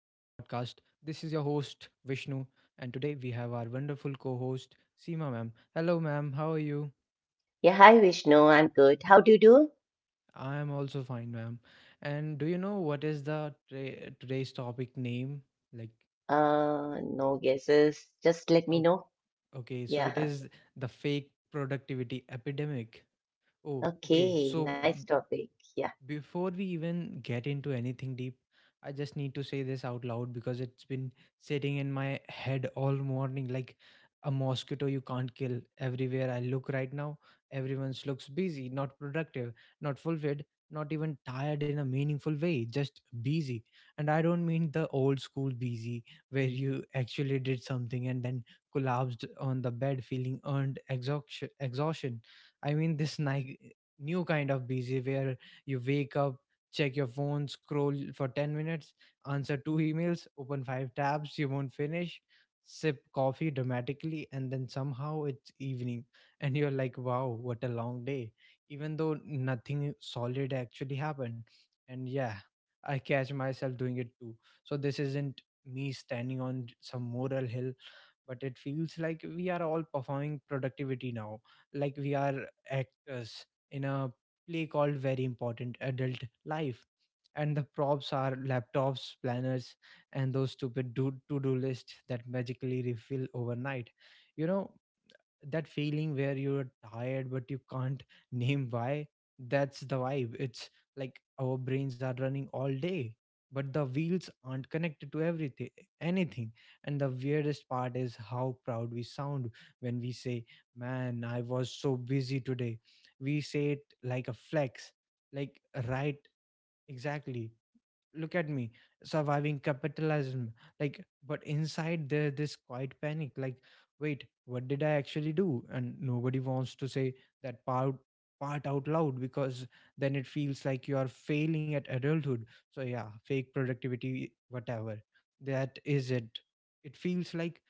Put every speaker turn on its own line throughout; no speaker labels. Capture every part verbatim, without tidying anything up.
This is your host, Vishnu, and today we have our wonderful co host, Seema, ma'am. Hello, ma'am. How are you? I am also fine, ma'am. And do you know what is the tra- today's topic name? Like, o- okay, so it is the fake productivity epidemic. Oh, okay. So, Before we even get into anything deep, I just need to say this out loud because it's been sitting in my head all morning like a mosquito you can't kill. Everywhere I look right now, everyone looks busy, not productive, not fulfilled, not even tired in a meaningful way, just busy. And I don't mean the old school busy where you actually did something and then collapsed on the bed feeling earned exhaustion. exhaustion. I mean this ni- new kind of busy where you wake up, check your phone, scroll for ten minutes, answer two emails, open five tabs you won't finish, sip coffee dramatically, and then somehow it's evening. And you're like, wow, what a long day. Even though nothing solid actually happened. And yeah, I catch myself doing it too. So this isn't me standing on some moral hill, but it feels like we are all performing productivity now, like we are actors in a play called very important adult life, and the props are laptops, planners, and those stupid do- to-do lists that magically refill overnight. You know that feeling where you're tired but you can't name why? That's the vibe. It's like our brains are running all day but the wheels aren't connected to everything anything. And the weirdest part is how proud we sound when we say, man, I was so busy today. We say it like a flex, like, right, exactly, look at me, surviving capitalism. Like, but inside there this quiet panic, like, wait, what did I actually do? And nobody wants to say that part part out loud because then it feels like you are failing at adulthood. So yeah, fake productivity, whatever that is, it it feels like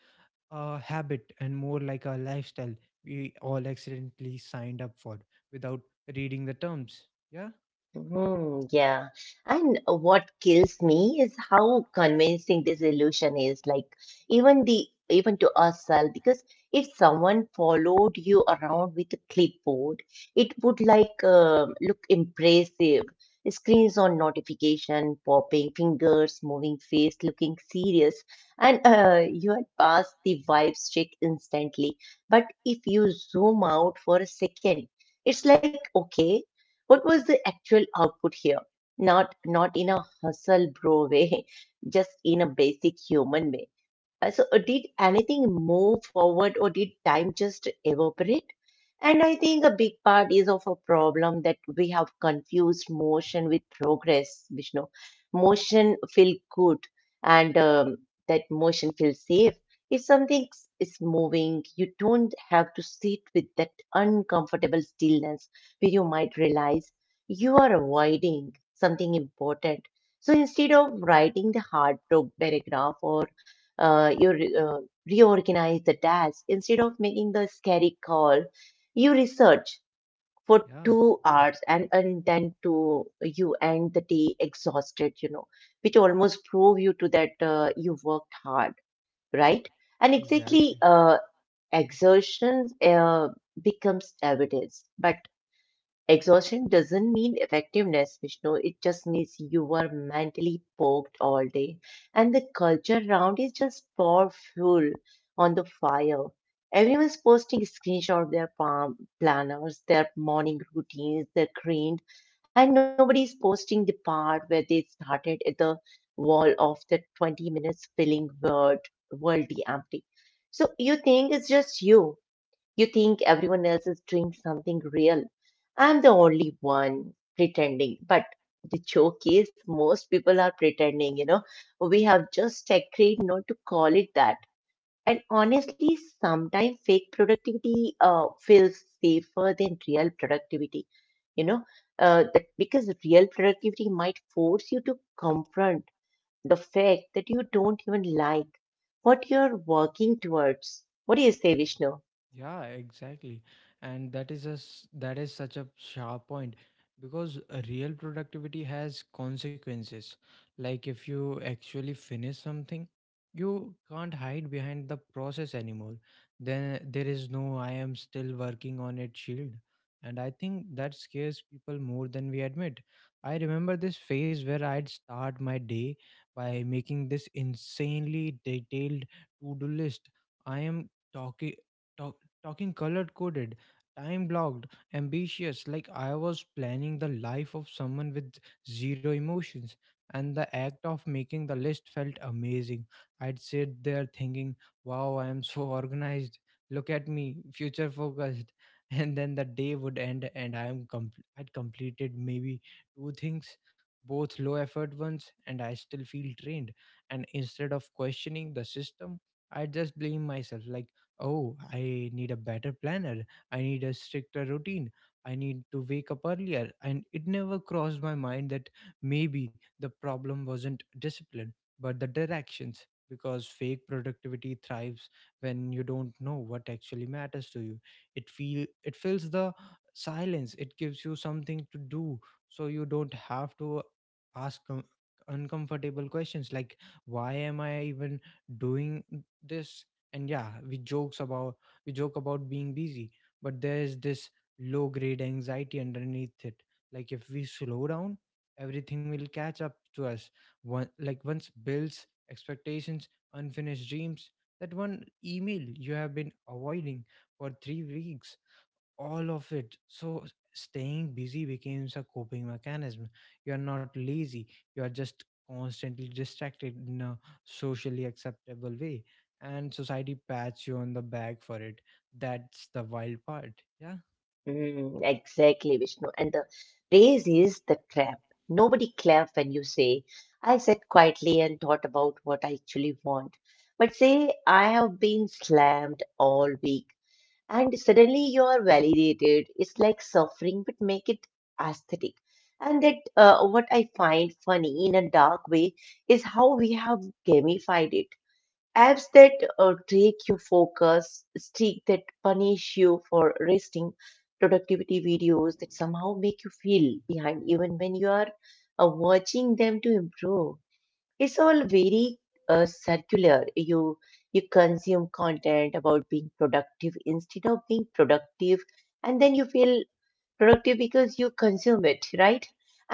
a habit and more like a lifestyle we all accidentally signed up for without reading the terms. Yeah, yeah, exactly. Yeah, exactly. And that is a s that is such a sharp point because real productivity has consequences. Like if you actually finish something, you can't hide behind the process anymore. Then there is no I am still working on it shield. And I think that scares people more than we admit. I remember this phase where I'd start my day by making this insanely detailed to-do list. I am talking talking color coded, time blocked, ambitious, like I was planning the life of someone with zero emotions. And the act of making the list felt amazing. I'd sit there thinking, wow, I am so organized, look at me, future focused. And then the day would end and I am com. I'd completed maybe two things, both low effort ones, and I still feel drained. And instead of questioning the system, I just blame myself like, oh, I need a better planner. I need a stricter routine. I need to wake up earlier. And it never crossed my mind that maybe the problem wasn't discipline, but the directions. Because fake productivity thrives when you don't know what actually matters to you. It feel it fills the silence. It gives you something to do, so you don't have to ask um, uncomfortable questions like, "Why am I even doing this?" And yeah, we jokes about we joke about being busy, but there's this low grade anxiety underneath it, like if we slow down everything will catch up to us. One like Once, bills, expectations, unfinished dreams, that one email you have been avoiding for three weeks, all of it. So staying busy becomes a coping mechanism. You are not lazy, you are just constantly distracted in a socially acceptable way, and society pats you on the back for it. That's the wild part. Yeah,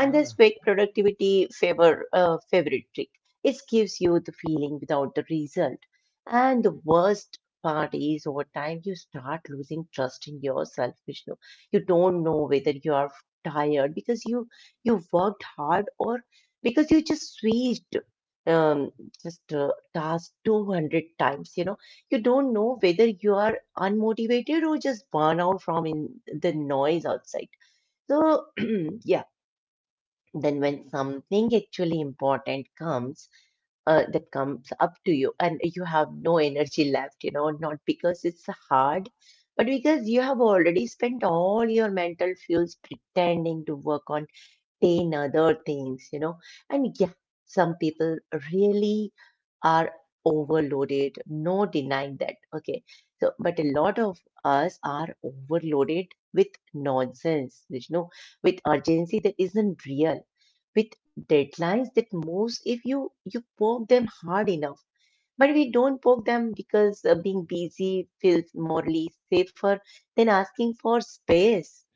yeah.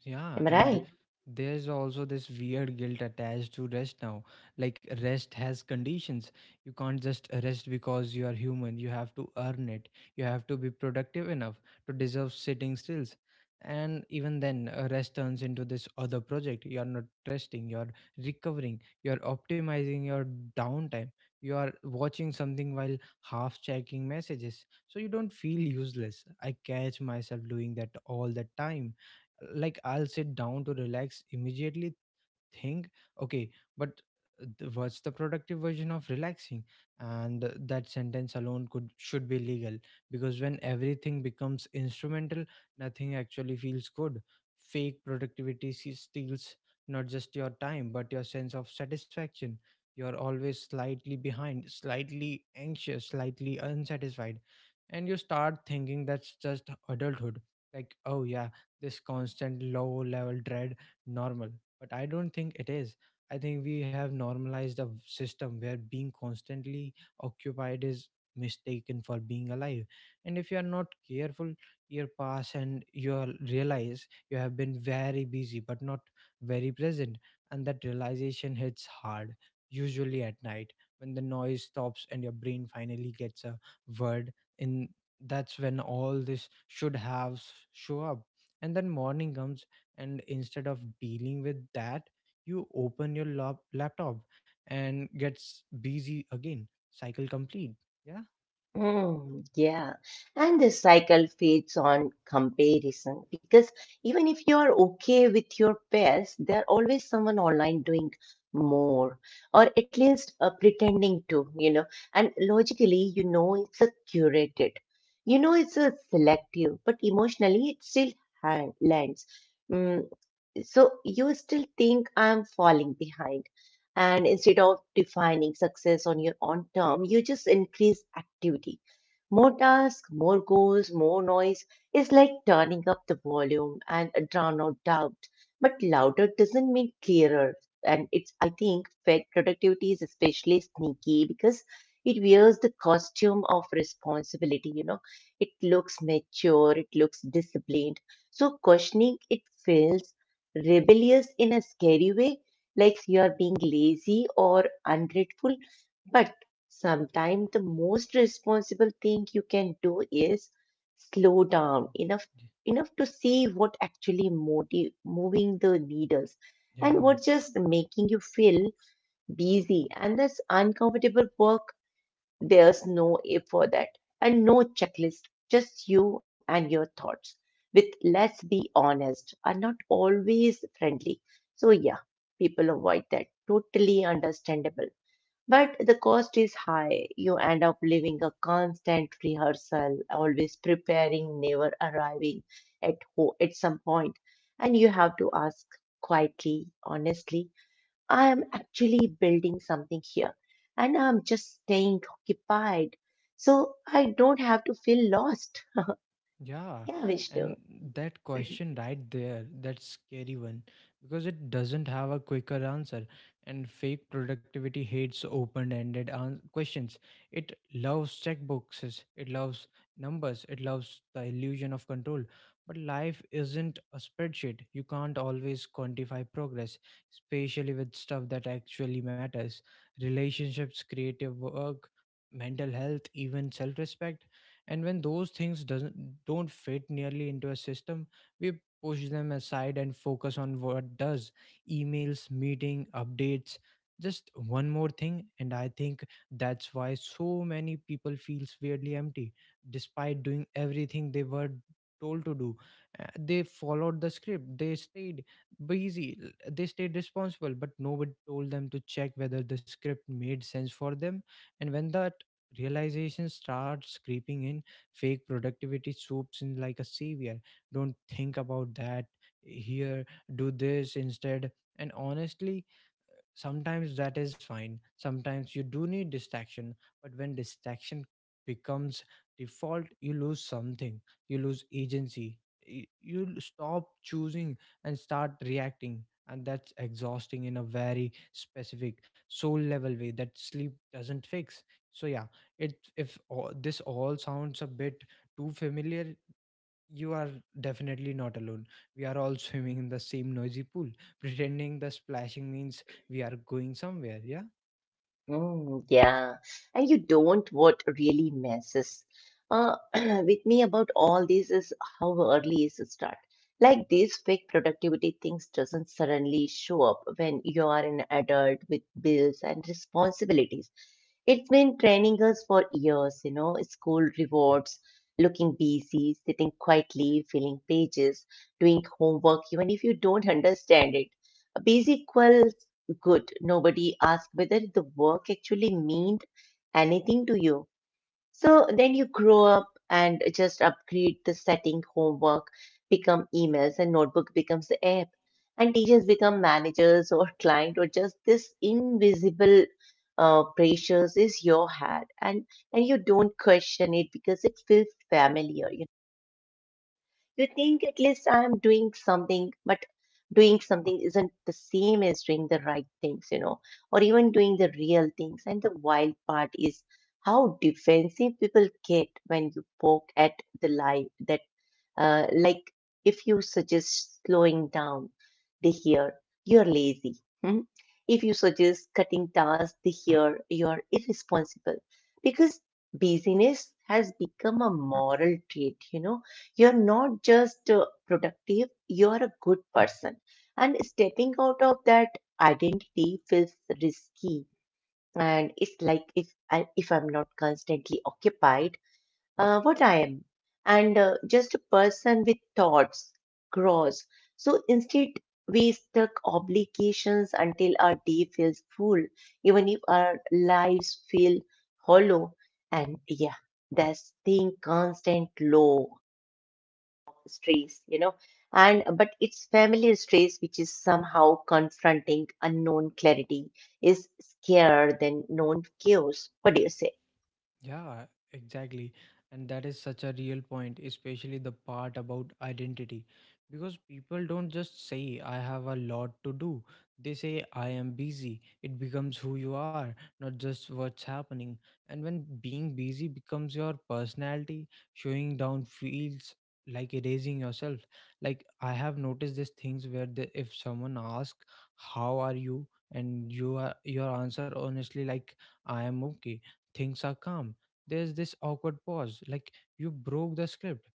Yeah, and there's also this weird guilt attached to rest now. Like, rest has conditions. You can't just rest because you are human. You have to earn it. You have to be productive enough to deserve sitting still. And even then, uh, rest turns into this other project. You're not resting, you're recovering, you're optimizing your downtime, you are watching something while half checking messages. So you don't feel useless. I catch myself doing that all the time, like I'll sit down to relax, immediately thing okay, but th- what's the productive version of relaxing? And that sentence alone could should be legal because when everything becomes instrumental, nothing actually feels good. Fake productivity se- steals not just your time but your sense of satisfaction. You're always slightly behind, slightly anxious, slightly unsatisfied, and you start thinking that's just adulthood. Like, oh yeah, this constant low level dread, normal. But I don't think it is. I think we have normalized a v- system where being constantly occupied is mistaken for being alive. And if you are not careful, year pass and you will realize you have been very busy but not very present. And that realization hits hard, usually at night, when the noise stops and your brain finally gets a word in. That's when all this should have s- show up. And then morning comes, and instead of dealing with that, you open your lap laptop and gets busy again. Cycle complete. Yeah, yeah. Yeah, and that question right there, that scary one, because it doesn't have a quicker answer. And fake productivity hates open-ended an- questions. It loves checkboxes, it loves numbers, it loves the illusion of control. But life isn't a spreadsheet. You can't always quantify progress, especially with stuff that actually matters. Relationships, creative work, mental health, even self-respect. And when those things doesn't don't fit nearly into a system, we push them aside and focus on what does. Emails, meeting updates, just one more thing. And I think that's why so many people feels weirdly empty despite doing everything they were told to do. Uh, they followed the script, they stayed busy, l- they stayed responsible, but nobody told them to check whether the script made sense for them. And when the realization starts creeping in, fake productivity swoops in like a savior. Don't think about that, here, do this instead. And honestly, sometimes that is fine, sometimes you do need distraction. But when distraction becomes default, you lose something. You lose agency. Y- you l- stop choosing and start reacting. And that's exhausting in a very specific soul level way that sleep doesn't fix. So yeah, it if all, this all sounds a bit too familiar, you are definitely not alone. We are all swimming in the same noisy pool pretending the splashing means we are going somewhere. Yeah, yeah, exactly. And that is such a real point, especially the part about identity. Because people don't just say, I have a lot to do. They say, I am busy. It becomes who you are, not just what's happening. And when being busy becomes your personality, showing down feels like erasing yourself. Like, I have noticed these things where the, if someone asks, how are you? And you are, your answer honestly, like, I am okay. Things are calm. There's this awkward pause, like you broke the script.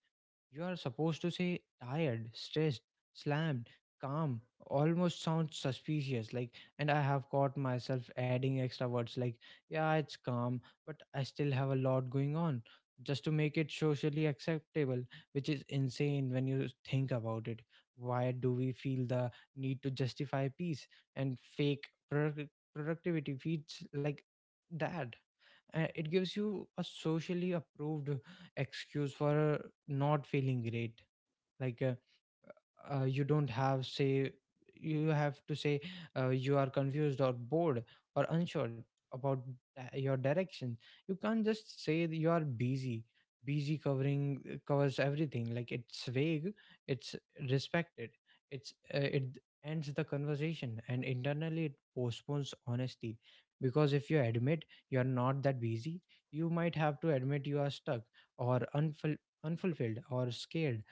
You are supposed to say tired, stressed, slammed. Calm almost sounds suspicious. Like, and I have caught myself adding extra words like, yeah it's calm but I still have a lot going on, just to make it socially acceptable. Which is insane when you think about it. Why do we feel the need to justify peace? And fake product- productivity feeds like that, and it gives you a socially approved excuse for not feeling great. Like, uh, uh, you don't have say, you have to say, uh, you are confused or bored or unsure about uh, your directions. You can't just say that you are busy busy covering, uh, covers everything. Like, it's vague, it's respected, it's uh, it ends the conversation, and internally it postpones honesty. Because if you admit you are not that busy, you might have to admit you are stuck or unful- unfulfilled or scared.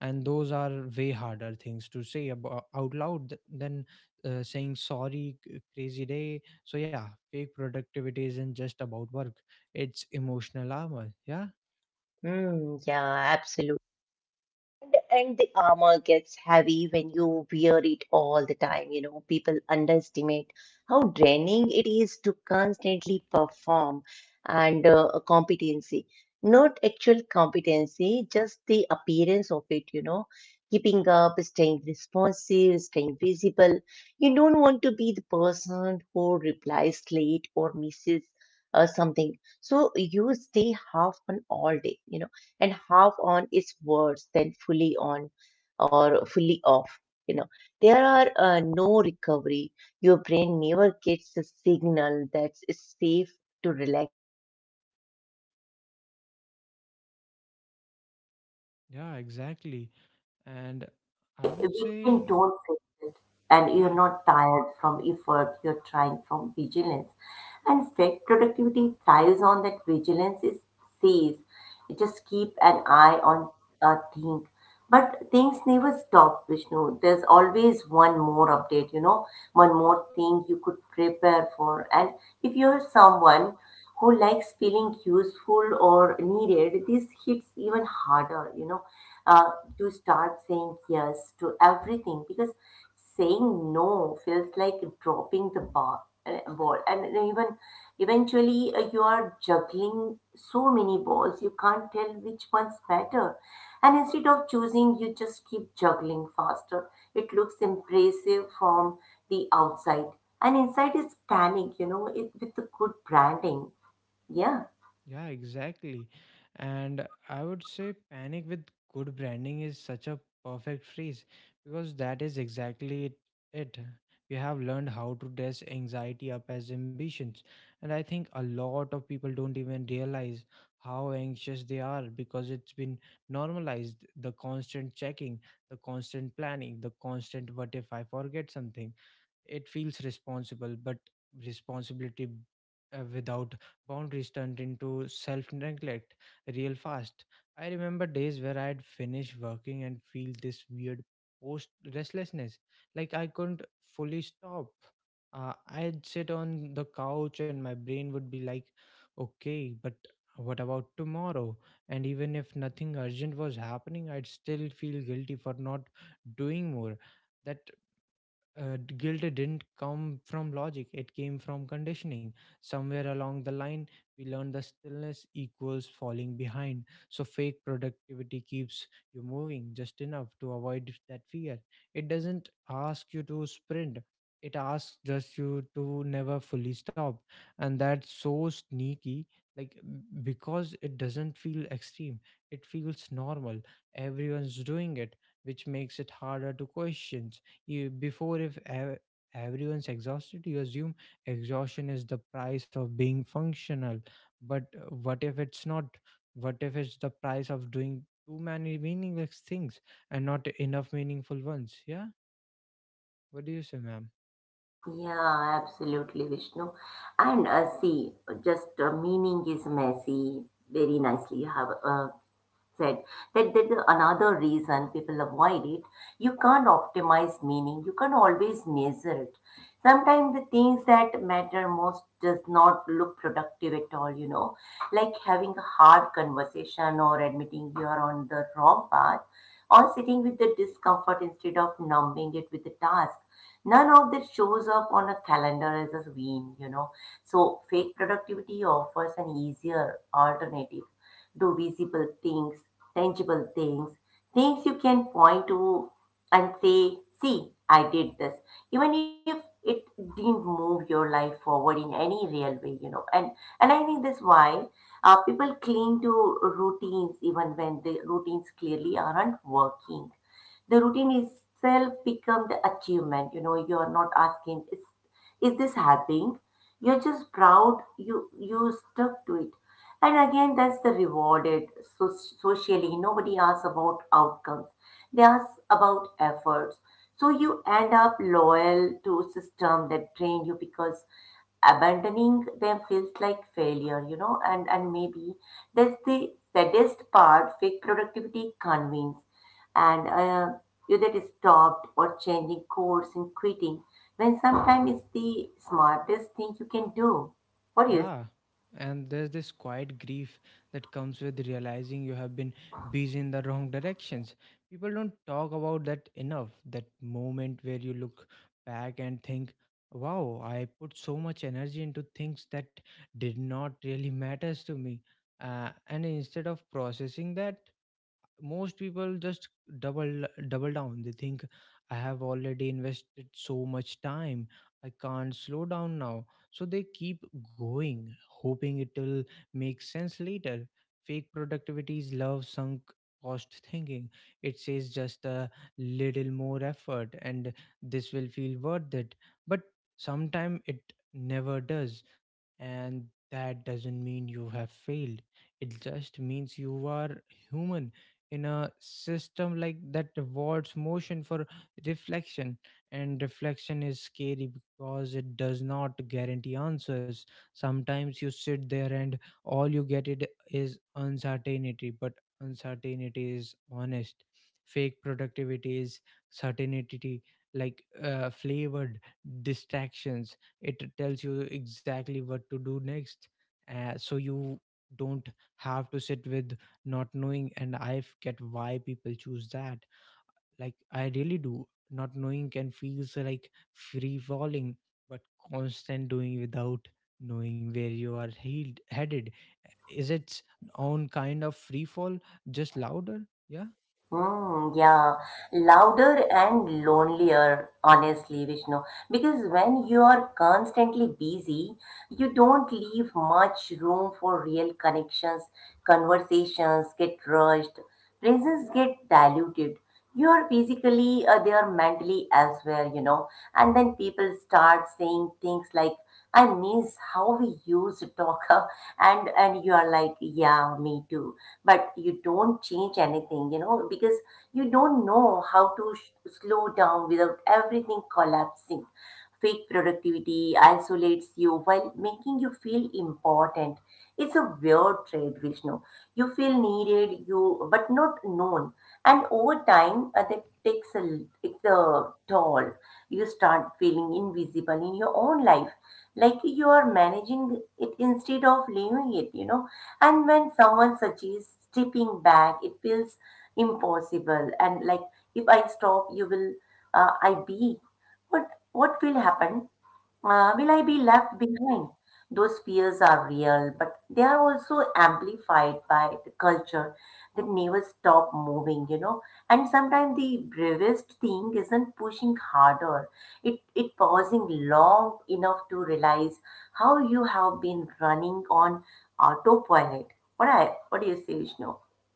And those are way harder things to say about, out loud th- than uh, saying sorry c- crazy day. So yeah, fake productivity isn't just about work, it's emotional armor. Yeah, yeah, exactly,
Anything hard.
and
That's why
I would say,
weekend don't fix it. And you're
yeah.
not tired from effort, you're trying from vigilance. And fake productivity thrives on that vigilance is says, just keep an eye on a thing. But things never stop, Vishnu. There's always one more update, you know, one more thing you could prepare for. And if you're someone who likes feeling useful or needed, this hits even harder, you know, uh, to start saying yes to everything because saying no feels like dropping the bar, uh, ball. And even eventually, uh, you are juggling so many balls, you can't tell which one's better. And instead of choosing, you just keep juggling faster. It looks impressive from the outside, and inside is panic you know it, with the good branding. Yeah,
Yeah, exactly. And I would say panic with good branding is such a perfect phrase because that is exactly it. it. We have learned how to dress anxiety up as ambitions. And I think a lot of people don't even realize how anxious they are because it's been normalized. The constant checking, the constant planning, the constant what if I forget something. It feels responsible, but responsibility uh, without boundaries turned into self neglect real fast. I remember days where I'd finish working and feel this weird post restlessness, like I couldn't fully stop. Uh, I'd sit on the couch and my brain would be like, okay, but what about tomorrow? And even if nothing urgent was happening, I'd still feel guilty for not doing more. That uh, d- Guilt didn't come from logic, it came from conditioning. Somewhere along the line we learned the stillness equals falling behind, so fake productivity keeps you moving just enough to avoid that fear. It doesn't ask you to sprint, it asks just you to never fully stop. And that's so sneaky, like m- because it doesn't feel extreme, it feels normal, everyone's doing it, which makes it harder to question. You, before, if ev- Everyone's exhausted, you assume exhaustion is the price of being functional. But uh, what if it's not? What if it's the price of doing too many meaningless things and not enough meaningful ones? Yeah. What do you say, ma'am?
yeah, absolutely, Vishnu. And uh, see, just uh, meaning is messy. Very nicely, you have uh, said that that is another reason people avoid it. You can't optimize meaning. You can always measure it. Sometimes the things that matter most does not look productive at all, you know, like having a hard conversation or admitting you are on the wrong path or sitting with the discomfort instead of numbing it with the task. None of that shows up on a calendar as a win, you know. So fake productivity offers an easier alternative: do visible things, tangible things, things you can point to and say, see, I did this. Even if it didn't move your life forward in any real way, you know. And and I think that's why uh, people cling to routines even when the routines clearly aren't working. The routine itself become the achievement, you know you're not asking is is this happening. You're just proud you you stuck to it, and again that's the rewarded. So, socially, nobody asks about outcomes, they ask about efforts. So you end up loyal to a system that train you because abandoning them feels like failure, you know and and maybe that's the saddest part. Fake productivity convinces, and uh, you get stopped or changing course and quitting when sometimes it's the smartest thing you can do. What do you
Yeah, and there's this quiet grief that comes with realizing you have been busy in the wrong directions. People don't talk about that enough. That moment where you look back and think, wow, I put so much energy into things that did not really matters to me. Uh, and instead of processing that, most people just double double down. They think, I have already invested so much time, I can't slow down now. So they keep going, hoping it'll make sense later. Fake productivity is love sunk cost thinking. It says just a little more effort and this will feel worth it, but sometimes it never does. And that doesn't mean you have failed, it just means you are human in a system like that rewards motion for reflection. And reflection is scary because it does not guarantee answers. Sometimes you sit there and all you get it is uncertainty, but uncertainty is honest. Fake productivity is certainty, like uh, flavored distractions. It tells you exactly what to do next, uh, so you don't have to sit with not knowing. And i f- get why people choose that, like I really do. Not knowing can feels like free falling, but constant doing without knowing where you are healed, headed is its own kind of free fall, just louder. Yeah.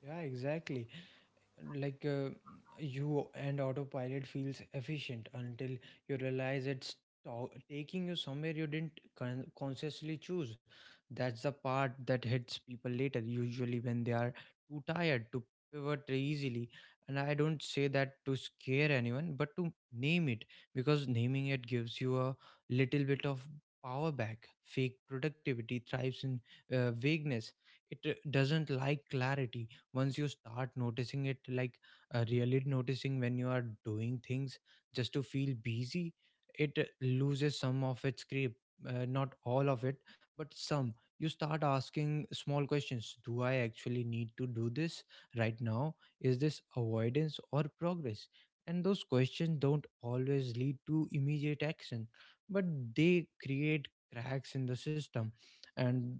Yeah, exactly. Like uh, you and autopilot feels efficient until you realize it's to- taking you somewhere you didn't con- consciously choose. That's the part that hits people later, usually when they are too tired to pivot easily. And I don't say that to scare anyone, but to name it because naming it gives you a little bit of power back. Fake productivity thrives in uh, vagueness. It uh, doesn't like clarity. Once you start noticing it, like uh, really noticing when you are doing things just to feel busy, it uh, loses some of its grip. Uh, not all of it, but some. You start asking small questions: do I actually need to do this right now? Is this avoidance or progress? And those questions don't always lead to immediate action, but they create cracks in the system. And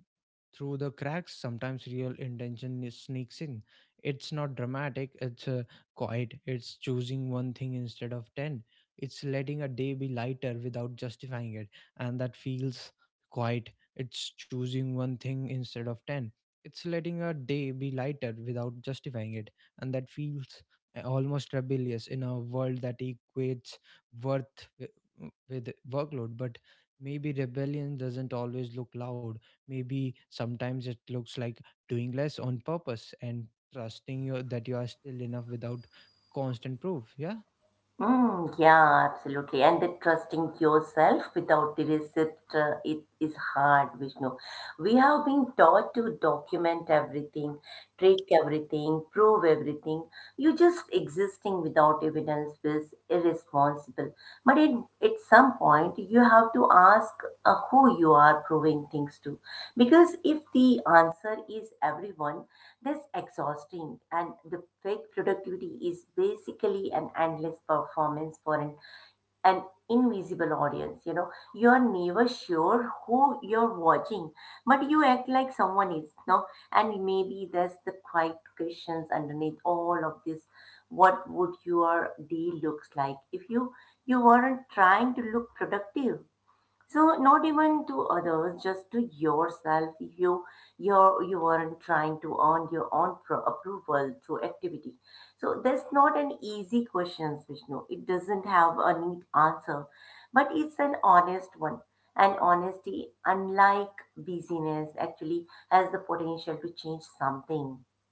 through the cracks sometimes real intention is- sneaks in. It's not dramatic, it's uh, quiet, it's choosing one thing instead of ten. It's letting a day be lighter without justifying it, and that feels quiet. It's choosing one thing instead of ten. It's letting a day be lighter without justifying it, and that feels uh, almost rebellious in a world that equates worth wi- with workload. But maybe rebellion doesn't always look loud. Maybe sometimes it looks like doing less on purpose and trusting you that you are still enough without constant proof. Yeah.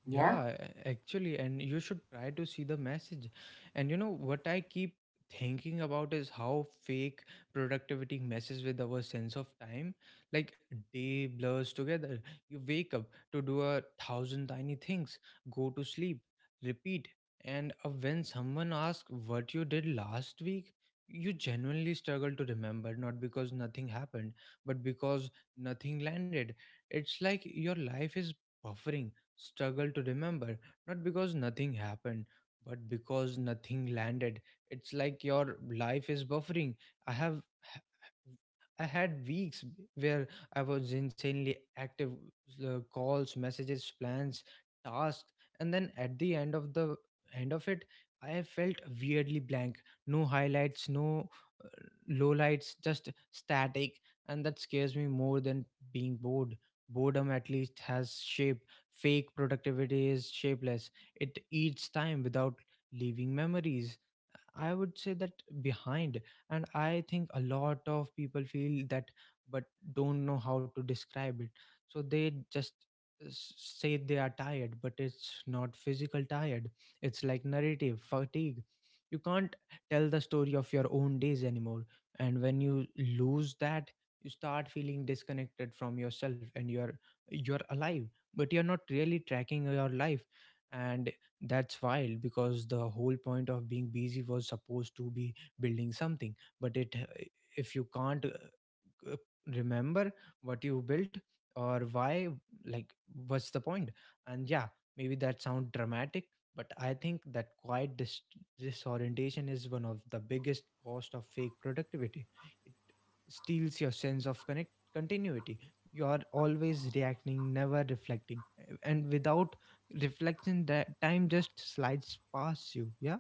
Yeah, a- actually, and you should try to see the message. And you know what I keep thinking about is how fake productivity messes with our sense of time. Like day blurs together. You wake up to do a thousand tiny things, go to sleep, repeat. And uh, when someone asks what you did last week, you genuinely struggle to remember, not because nothing happened, but because nothing landed. It's like your life is buffering. Struggle to remember, not because nothing happened, but because nothing landed. It's like your life is buffering. I have I had weeks where I was insanely active: uh, calls, messages, plans, tasks, and then at the end of the end of it, I felt weirdly blank. No highlights, no uh, lowlights, just static, and that scares me more than being bored. Boredom at least has shape. Fake productivity is shapeless, it eats time without leaving memories. I would say that behind, and I think a lot of people feel that but don't know how to describe it. So they just uh, s- say they are tired, but it's not physical tired, it's like narrative fatigue. You can't tell the story of your own days anymore, and when you lose that, you start feeling disconnected from yourself. And you're you're alive but you're not really tracking your life. And that's wild because the whole point of being busy was supposed to be building something. But it, if you can't uh, uh, remember what you built or why, like what's the point point? And yeah, maybe that sounds dramatic, but I think that quiet dis- disorientation is one of the biggest cost of fake productivity. It steals your sense of connect continuity. You are always reacting, never reflecting. And without reflection, that time just slides past you. Yeah.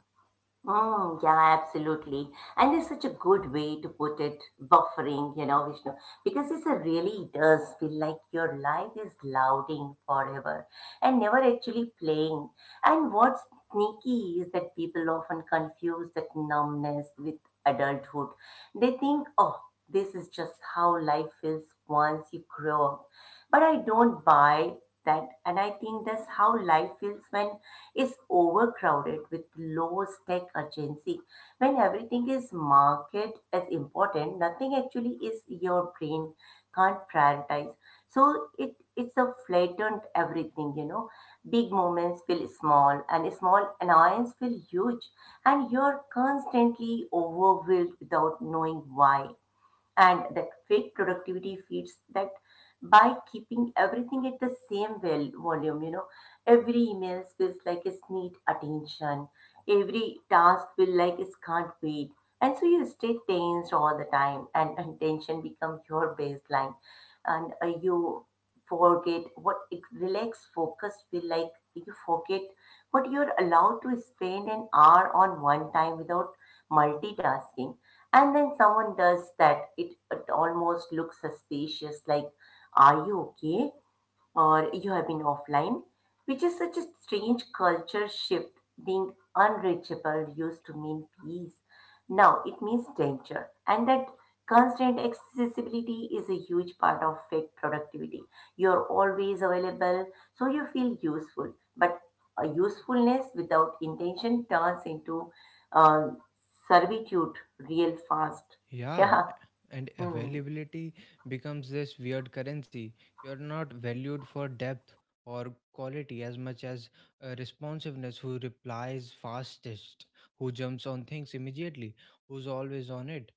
Yeah, and availability becomes this weird currency. You're not valued for depth or quality as much as uh, responsiveness, who replies fastest, who jumps on things immediately, who's always on it.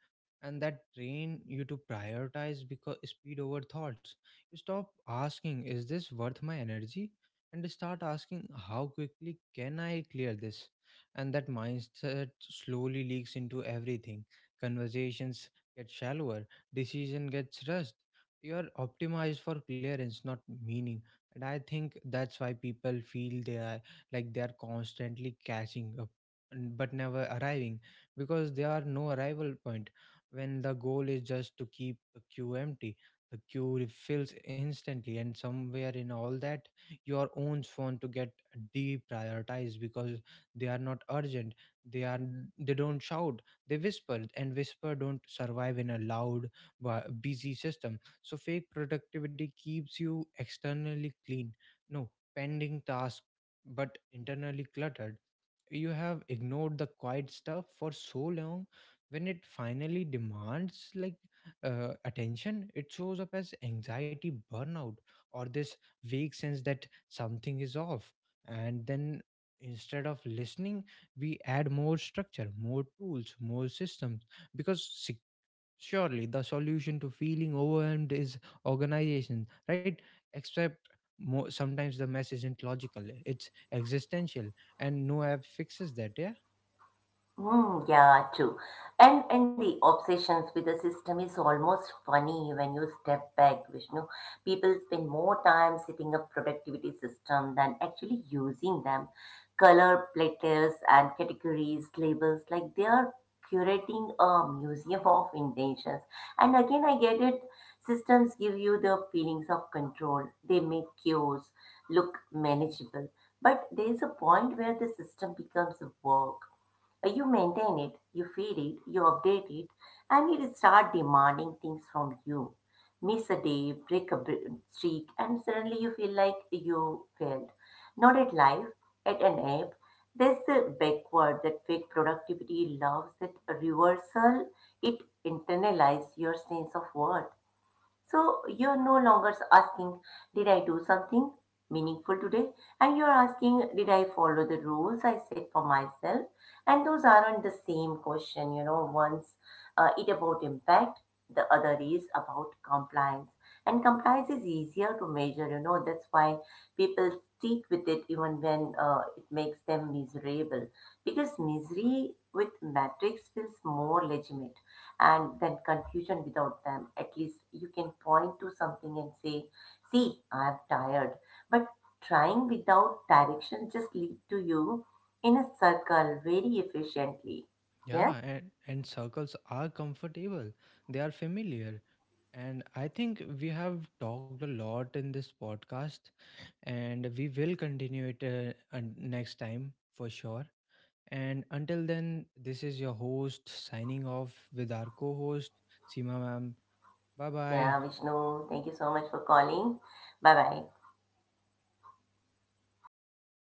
And that train you to prioritize because speed over thoughts. You stop asking, is this worth my energy? And start asking, how quickly can I clear this? And that mindset slowly leaks into everything. Conversations get shallower, decision gets rushed. You are optimized for clearance, not meaning. And I think that's why people feel they are, like they are constantly catching up n- but never arriving, because there are no arrival point. When the goal is just to keep the queue empty, the queue refills instantly. And somewhere in all that, your own phone to get deprioritized because they are not urgent, they are, they don't shout, they whisper, and whisper don't survive in a loud, bu- busy system. So fake productivity keeps you externally clean, no pending task, but internally cluttered. You have ignored the quiet stuff for so long, when it finally demands, like uh, attention, it shows up as anxiety, burnout, or this vague sense that something is off. And then instead of listening, we add more structure, more tools, more systems, because surely the solution to feeling overwhelmed is organization, right? Except mo sometimes the mess isn't logical, it's existential, and no app fixes that. Yeah. Yeah, and, and circles are comfortable, they are familiar. And I think we have talked a lot in this podcast, and we will continue it uh, un- next time for sure. And until then, this is your host signing off with our co-host Sima ma'am. Bye bye.